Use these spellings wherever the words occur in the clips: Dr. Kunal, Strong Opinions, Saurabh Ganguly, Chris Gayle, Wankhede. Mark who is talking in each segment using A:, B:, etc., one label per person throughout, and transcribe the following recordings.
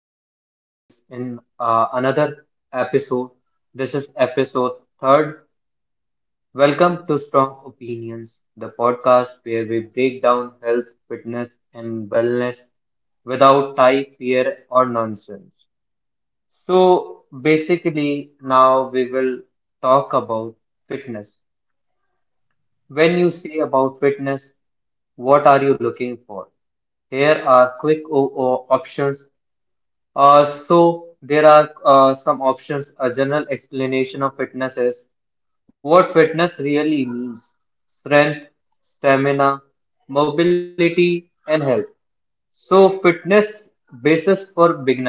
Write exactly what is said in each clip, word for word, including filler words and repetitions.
A: back again, guys, in uh, another episode. This is episode third. Welcome to Strong Opinions, the podcast where we break down health, fitness, and wellness without tie, fear, or nonsense. So, basically, now we will talk about fitness. When you say about fitness, what are you looking for? Here are quick o- o- options. Uh, so there are uh, some options. A general explanation of fitness is what fitness really means: strength, stamina, mobility, and health. So fitness basis for beginner.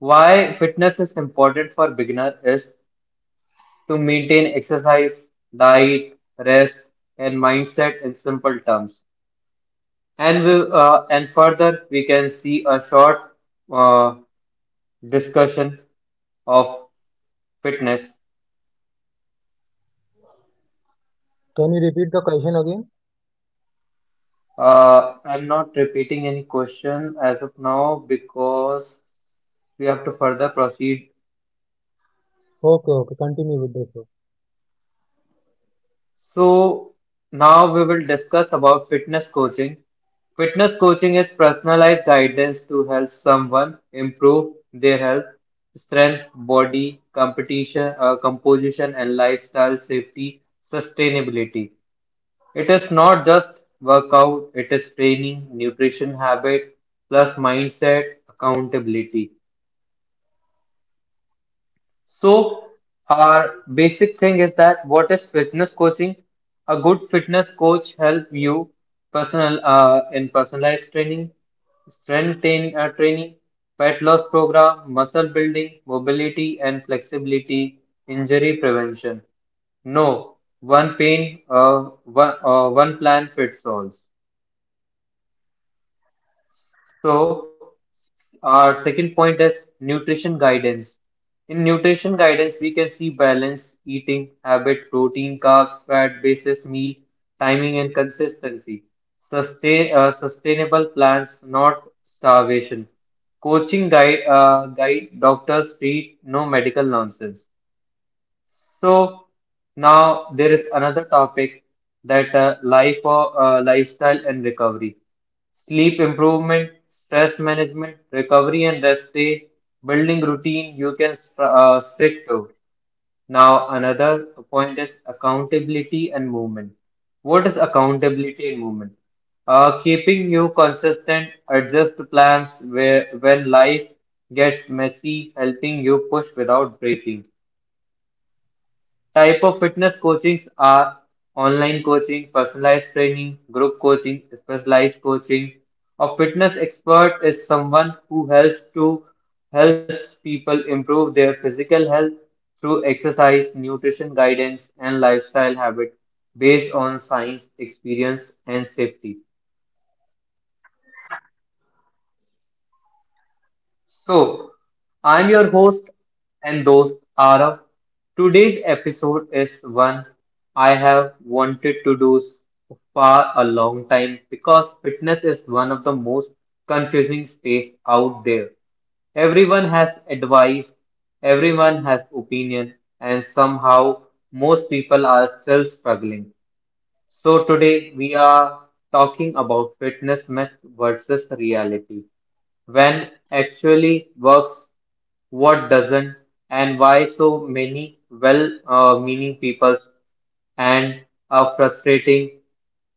A: Why fitness is important for beginner is to maintain exercise, diet, rest, and mindset in simple terms. And we, uh, and further, we can see a short uh, discussion of fitness.
B: Can you repeat the question again?
A: Uh, I'm not repeating any question as of now because we have to further proceed.
B: Okay, okay, continue with the show.
A: So now we will discuss about fitness coaching. Fitness coaching is personalized guidance to help someone improve their health, strength, body, competition, uh, composition, and lifestyle safety, sustainability. It is not just workout, it is training, nutrition habit, plus mindset, accountability. So, our basic thing is, that what is fitness coaching? A good fitness coach help you personal uh, in personalized training, strength train, uh, training, fat loss program, muscle building, mobility and flexibility, injury prevention. No one pain, uh, one, uh, one plan fits all. So, our second point is nutrition guidance. In nutrition guidance, we can see balanced eating, habit, protein, carbs, fat, basis, meal, timing, and consistency. Sustain, uh, sustainable plans, not starvation. Coaching guide, uh, guide doctors treat no medical nonsense. So now there is another topic, that uh, life or uh, lifestyle and recovery, sleep improvement, stress management, recovery and rest day, building routine you can st- uh, stick to. Now another point is accountability and movement. What is accountability and movement? Uh, keeping you consistent, adjust plans where when life gets messy, helping you push without breaking. Type of fitness coachings are online coaching, personalized training, group coaching, specialized coaching. A fitness expert is someone who helps to helps people improve their physical health through exercise, nutrition guidance, and lifestyle habit based on science, experience, and safety. So, I'm your host, and those are up. Today's episode is one I have wanted to do s- for a long time, because fitness is one of the most confusing space out there. Everyone has advice, everyone has opinion, and somehow most people are still struggling. So, today we are talking about fitness myth versus reality. When actually works, what doesn't, and why so many well uh, meaning people and are frustrating,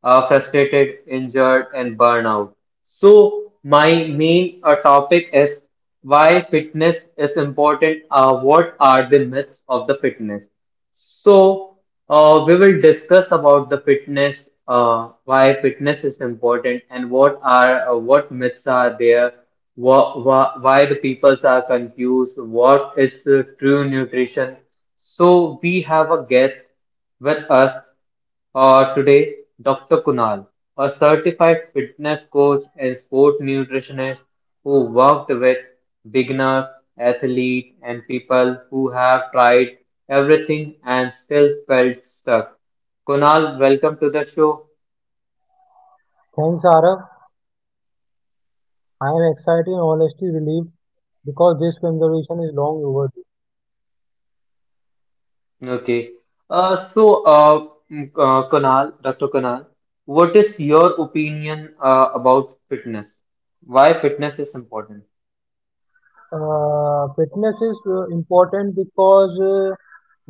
A: are frustrated, injured, and burnout. So, my main uh, topic is, why fitness is important, uh, what are the myths of the fitness? So, uh, we will discuss about the fitness, uh, why fitness is important, and what are uh, what myths are there, wha wha why the peoples are confused, what is uh, true nutrition. So, we have a guest with us. Uh, today, Doctor Kunal, a certified fitness coach and sport nutritionist who worked with beginners, athletes, and people who have tried everything and still felt stuck. Kunal, welcome to the show.
B: Thanks, Arav. I am excited and honestly relieved because this conversation is long overdue.
A: Okay. Uh, so, uh, mm, uh, Kunal, Doctor Kunal, what is your opinion uh, about fitness? Why fitness is important?
B: Uh, fitness is uh, important because uh,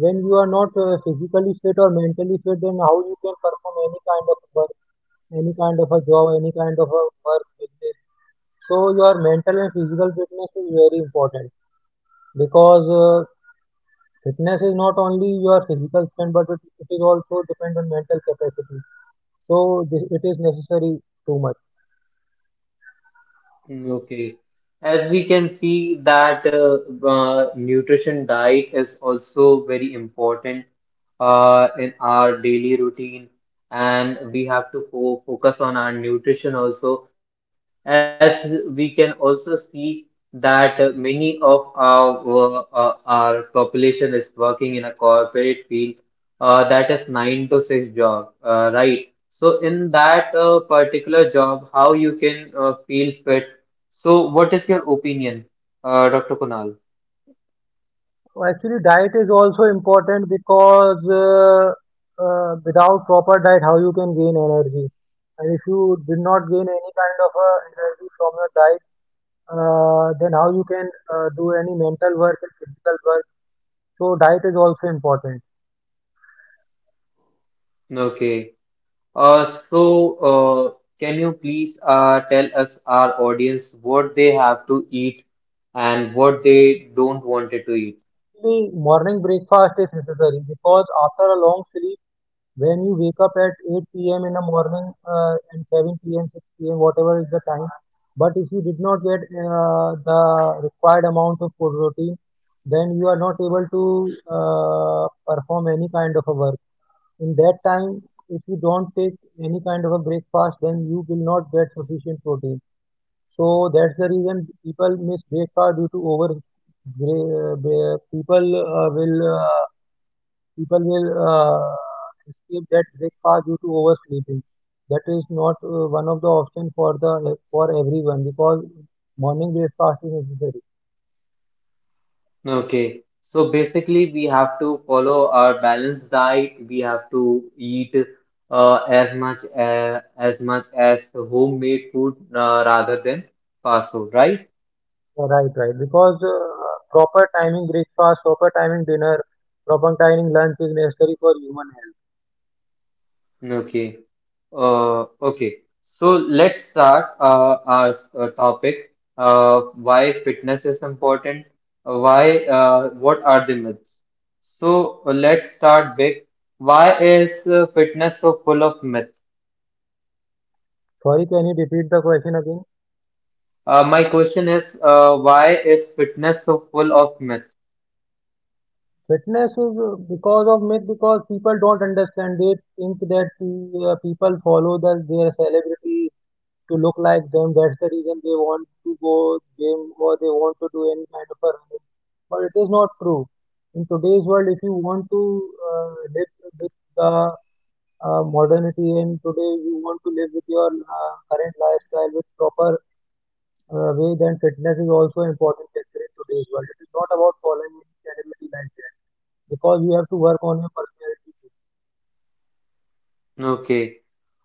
B: when you are not uh, physically fit or mentally fit, then how you can perform any kind of work, any kind of a job, any kind of a work business. So your mental and physical fitness is very important because uh, fitness is not only your physical strength, but it, it is also depend on mental capacity. So this, it is necessary too much.
A: Mm, Okay. As we can see that uh, uh, nutrition diet is also very important uh, in our daily routine, and we have to fo focus on our nutrition also. As we can also see that uh, many of our uh, our population is working in a corporate field, uh, that is nine to six job, uh, right? So in that uh, particular job, how you can uh, feel fit? So, what is your opinion, uh, Doctor Kunal?
B: So, actually, diet is also important because uh, uh, without proper diet, how you can gain energy? And if you did not gain any kind of uh, energy from your diet, uh, then how you can uh, do any mental work and physical work? So diet is also important.
A: Okay. Uh, so, uh, can you please uh, tell us, our audience, what they have to eat and what they don't wanted to eat?
B: Actually, morning breakfast is necessary because after a long sleep, when you wake up at eight p m in the morning uh, and seven p m, six p m, whatever is the time, but if you did not get uh, the required amount of food protein, then you are not able to uh, perform any kind of a work. In that time, if you don't take any kind of a breakfast, then you will not get sufficient protein. So that's the reason people miss breakfast due to over. bre- uh, People uh, will uh, people will uh, skip that breakfast due to oversleeping. That is not uh, one of the option for the for everyone because morning breakfast is necessary.
A: Okay. So, basically, we have to follow our balanced diet. We have to eat uh, as much uh, as much as homemade food uh, rather than fast food, right?
B: Uh, Right, right. Because uh, proper timing breakfast, proper timing dinner, proper timing lunch is necessary for human health.
A: Okay. Uh, okay, so let's start uh, our s- uh, topic. Uh, why fitness is important? Uh, Why? Uh, what are the myths? So uh, let's start big. Why is uh, fitness so full of myth?
B: Sorry, can you repeat the question again?
A: Uh, my question is, uh, why is fitness so full of myth?
B: Fitness is uh, because of myth because people don't understand. They think that uh, people follow the, their celebrity to look like them. That's the reason they want to go gym or they want to do any kind of a running. But it is not true. In today's world, if you want to uh, live with the uh, modernity and today you want to live with your uh, current lifestyle with proper uh, way, then fitness is also an important factor in today's world. It is not about following any category like that because you have to work on your personality too.
A: Okay.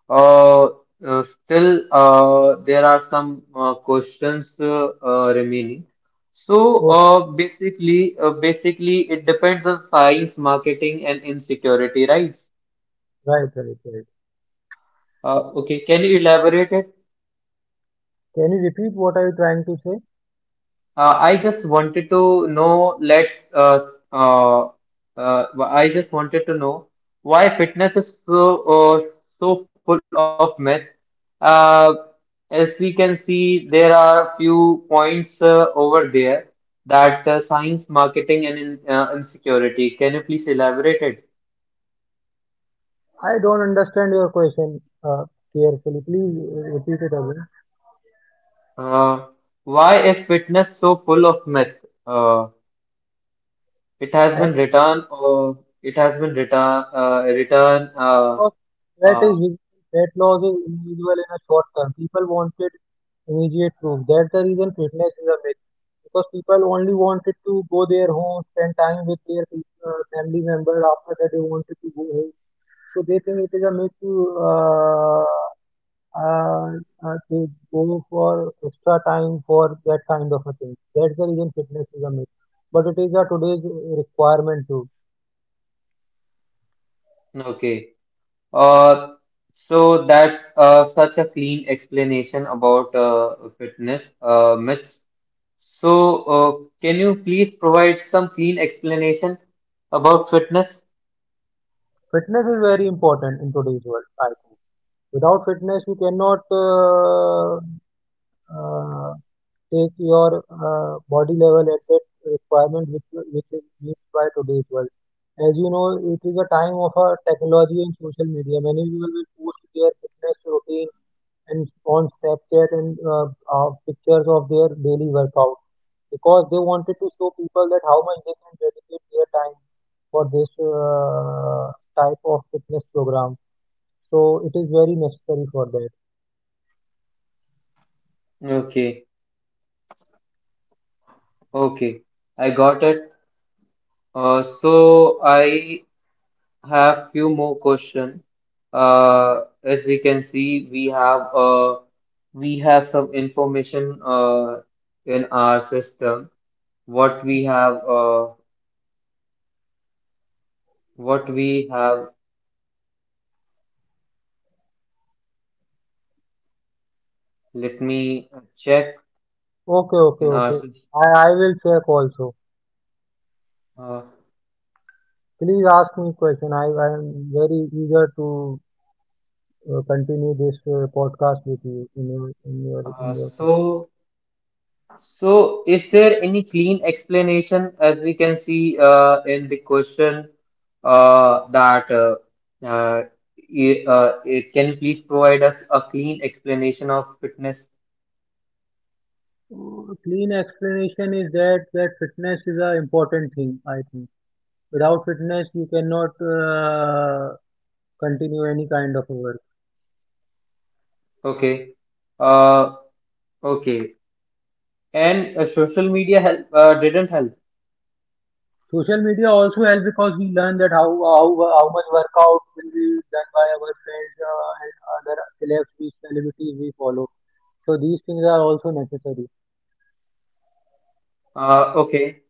A: Uh, uh, Still, uh, there are some uh, questions uh, uh, remaining. So,
B: Okay,
A: uh, basically, uh, basically, it depends on science, marketing, and insecurity, right?
B: right, right, right.
A: Uh, okay, can you elaborate it?
B: Can you repeat what are you trying to say?
A: Uh, I just wanted to know. let's, uh, uh, uh, I just wanted to know why fitness is so, uh, so full of myth. Uh, as we can see, there are few points uh, over there that uh, science, marketing, and in, uh, insecurity. Can you please elaborate it?
B: I don't understand your question uh, carefully. Please uh, repeat it again.
A: Uh, why is fitness so full of myth? Uh, it has been
B: At
A: written, uh, it has been written, uh, written, uh,
B: cost, fat is
A: uh,
B: visible. Fat loss is invisible in a short term. People wanted immediate proof. That's the reason fitness is a myth. Because people only wanted to go their home, spend time with their pe- uh, family member. After that, they wanted to go home. So they think it is a myth to uh, uh, uh, they go for extra time for that kind of a thing. That's the reason fitness is a myth. But it is a today's requirement too.
A: Okay. Uh, so that's uh, such a clean explanation about uh, fitness uh, myths. So, uh, can you please provide some clean explanation about fitness?
B: Fitness is very important in today's world, I think. Without fitness, you cannot uh, uh, take your uh, body level at that requirement which, which is needed by today's world. As you know, it is a time of uh, technology and social media. Many people will post their fitness routine and on Snapchat and uh, uh, pictures of their daily workout because they wanted to show people that how much they can dedicate their time for this uh, type of fitness program. So it is very necessary for that.
A: Okay, okay, I got it. Uh, so I have few more question. Uh, as we can see, we have uh, we have some information uh, in our system. What we have uh, what we have. Let me check
B: Okay, okay,
A: in our
B: okay.
A: sys-
B: I, I will check also.
A: uh,
B: Please ask me question. I, I am very eager to uh, continue this uh, podcast with you in your in your
A: uh,
B: in your. Case.
A: so so is there any clean explanation, as we can see uh, in the question uh, that uh, uh, i- uh, it, can you please provide us a clean explanation of fitness?
B: Uh, Clean explanation is that that fitness is a important thing. I think. Without fitness, you cannot uh, continue any kind of work.
A: Okay. Uh, okay. And uh, social media help uh, didn't help.
B: Social media also helps because we learn that how how, how much workout will be done by our friends uh, and other celebs, we- celebrities we follow. So these things are also necessary.
A: Uh, okay.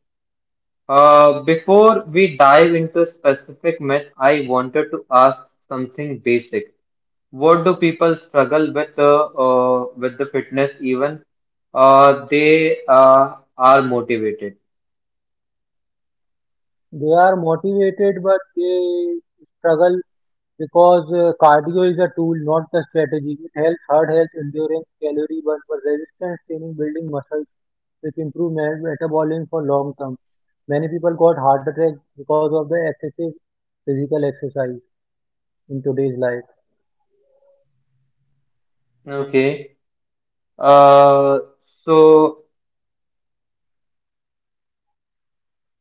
A: Uh, before we dive into specific myth, I wanted to ask something basic. What do people struggle with the uh, with the fitness even uh, they uh, are motivated?
B: They are motivated, but they struggle because uh, cardio is a tool, not the strategy. It helps heart health, endurance, calorie burn, but resistance training, building muscle, which improve me- metabolism for long term. Many people got heart attacks because of the excessive physical exercise in today's life.
A: Okay. Uh, so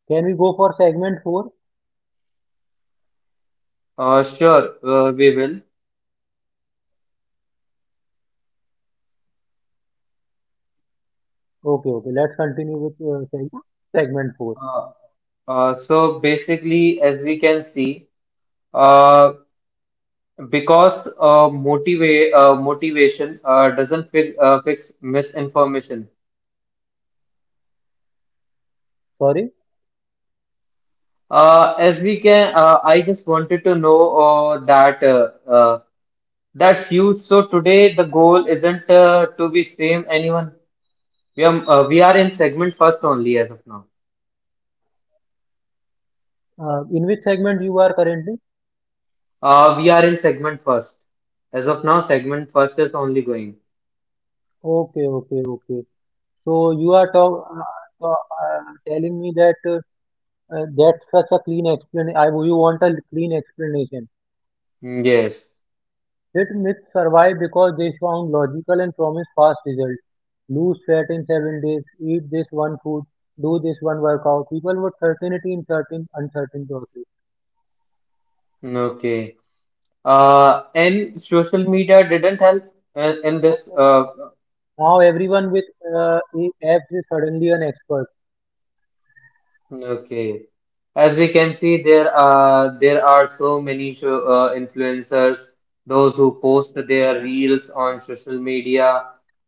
B: Can we go for segment four?
A: uh, sure, uh, we will.
B: Okay, okay. Let's continue with uh, seg- segment four.
A: Uh, uh, so basically, as we can see, uh, because uh, motiva uh, motivation uh, doesn't fi uh, fix misinformation.
B: Sorry.
A: Uh, as we can, uh, I just wanted to know uh, that uh, uh, that's you. So today the goal isn't uh, to be same anyone. We are uh, we are in segment first only as of now.
B: Uh, in which segment you are currently?
A: Uh, we are in segment first. As of now, segment first is only going.
B: Okay, okay, okay. So you are talk, uh, uh, uh, telling me that uh, uh, that's such a clean explanation. I you want a clean explanation.
A: Mm, Yes.
B: Hit myths survive because they sound logical and promise fast results. Lose fat in seven days, eat this one food, do this one workout. People would certainty in certain uncertain process.
A: Mm, Okay. Uh, and social media didn't help uh, in
B: Not
A: this.
B: at
A: Uh,
B: all. Now everyone with uh, apps is suddenly an expert
A: Okay. As we can see, there are there are so many show, uh, influencers, those who post their reels on social media,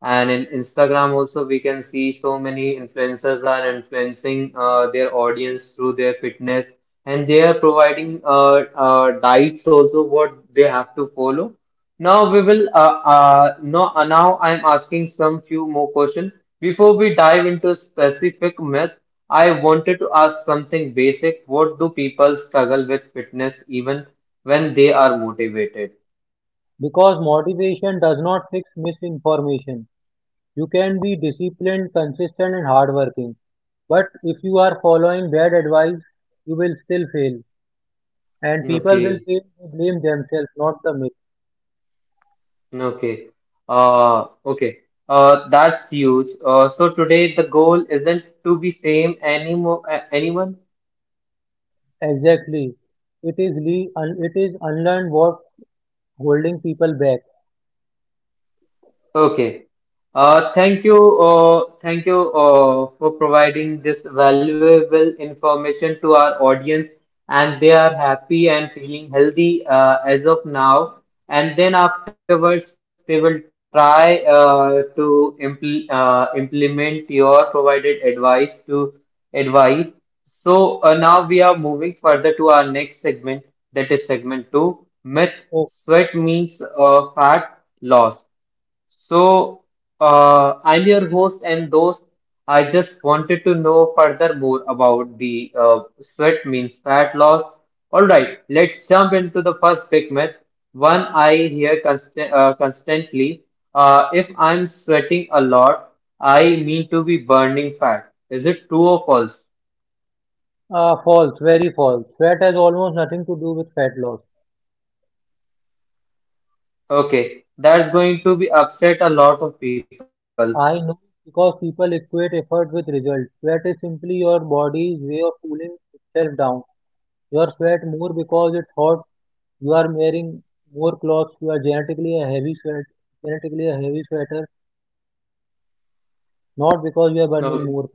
A: and in Instagram also we can see so many influencers are influencing uh, their audience through their fitness, and they are providing uh, uh, diets also what they have to follow. Now we will uh, uh, no, uh, Now I'm asking some few more questions. Before we dive into specific myths, I wanted to ask something basic. What do people struggle with fitness even when they are motivated?
B: because motivation does not fix misinformation. You can be disciplined, consistent, and hardworking. But if you are following bad advice, you will still fail. And people will
A: Okay,
B: fail to blame themselves, not the myth.
A: okay, uh, okay, uh, that's huge. Uh, so today the goal isn't to be same anymore, anyone.
B: Exactly. It is le- un- it is unlearned what's holding people back.
A: Okay. Uh, thank you. Uh, thank you uh, for providing this valuable information to our audience, and they are happy and feeling healthy uh, as of now. And then afterwards, they will try uh, to impl uh, implement your provided advice to advice. So uh, now we are moving further to our next segment, that is segment two, myth,
B: Oh,
A: sweat means uh, fat loss. So, uh, I'm your host and those I just wanted to know further more about the uh, sweat means fat loss. All right, let's jump into the first big myth, one I hear constant, uh, constantly. Uh, if I'm sweating a lot, I mean to be burning fat. Is it true or false?
B: uh, false, very false. Fat has almost nothing to do with fat loss.
A: Okay, that's going to be upset a lot of people.
B: I know because people equate effort with results. Sweat is simply your body's way of cooling itself down. You sweat more because it's hot. You are wearing more clothes. You are genetically a heavy sweat, genetically a heavy sweater, not because you are
A: No.
B: burning more.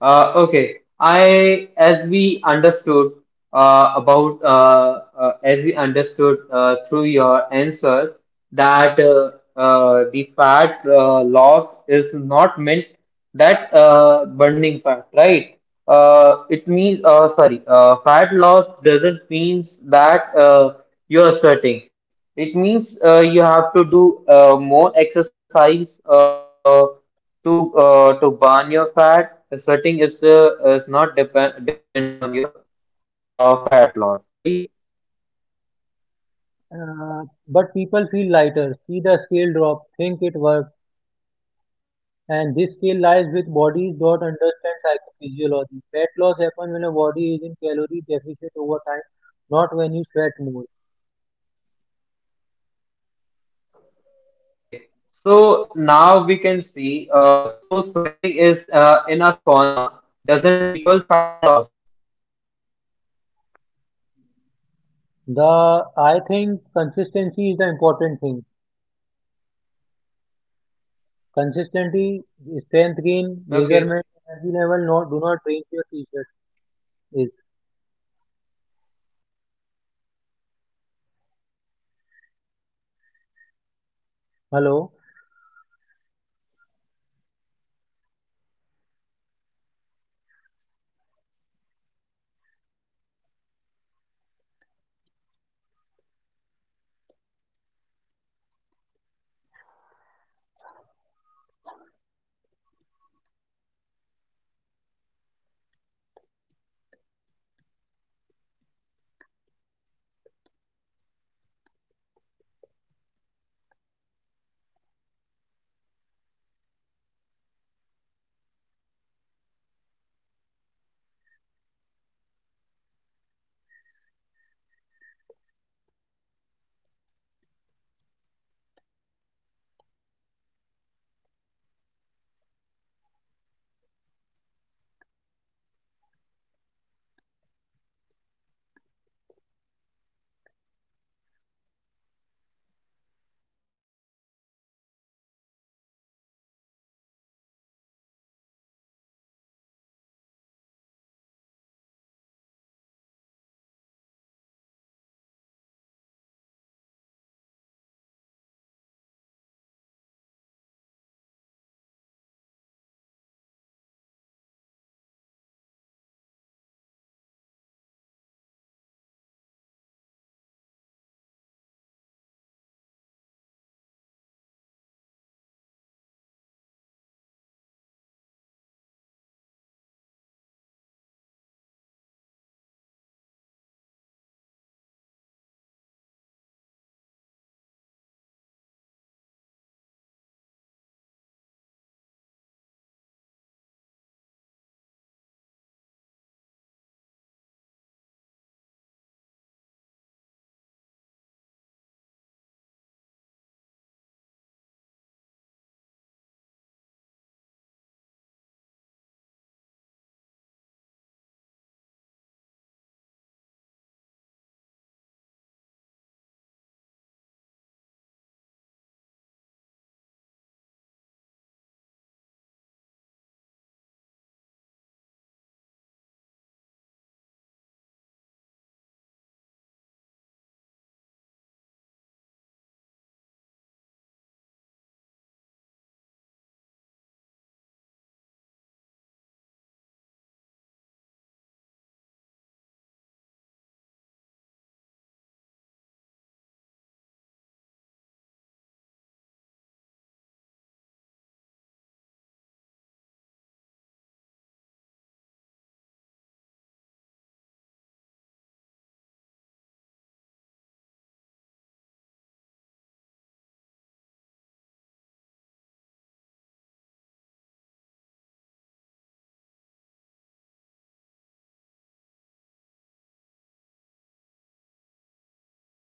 A: Uh, okay, I as we understood uh, about uh, uh, as we understood uh, through your answers that uh, uh, the fat uh, loss is not meant that uh, burning fat, right? Uh, it means uh, sorry, uh, fat loss doesn't means that uh, you are sweating. It means uh, you have to do uh, more exercise uh, to uh, to burn your fat. Sweating is uh, is not depend depends on your uh, fat loss, right?
B: Uh, but people feel lighter, see the scale drop, think it works. And this skill lies with bodies that understand psychophysiology. Fat loss happens when a body is in calorie deficit over time, not when you sweat more.
A: Okay, so now we can see, uh, so sweating is uh, in a sauna doesn't equal fat loss.
B: The I think consistency is the important thing. Consistency,
A: Okay,
B: strength gain, measurement, energy level. Not do not drink your t-shirt. Is
A: okay. Uh, as we are continue uh, continuing uh, in segment two,
B: hello.
A: we uh, we have third question there. Uh, but people feel lighter, see the scalp drop and think I uh, it worked. Uh, due to some technical issue, or there is a voice drop. So, uh, Okay. Uh, Now am I audible? Uh, is the technical issue has been resolved? Am I audible? Now is it fine?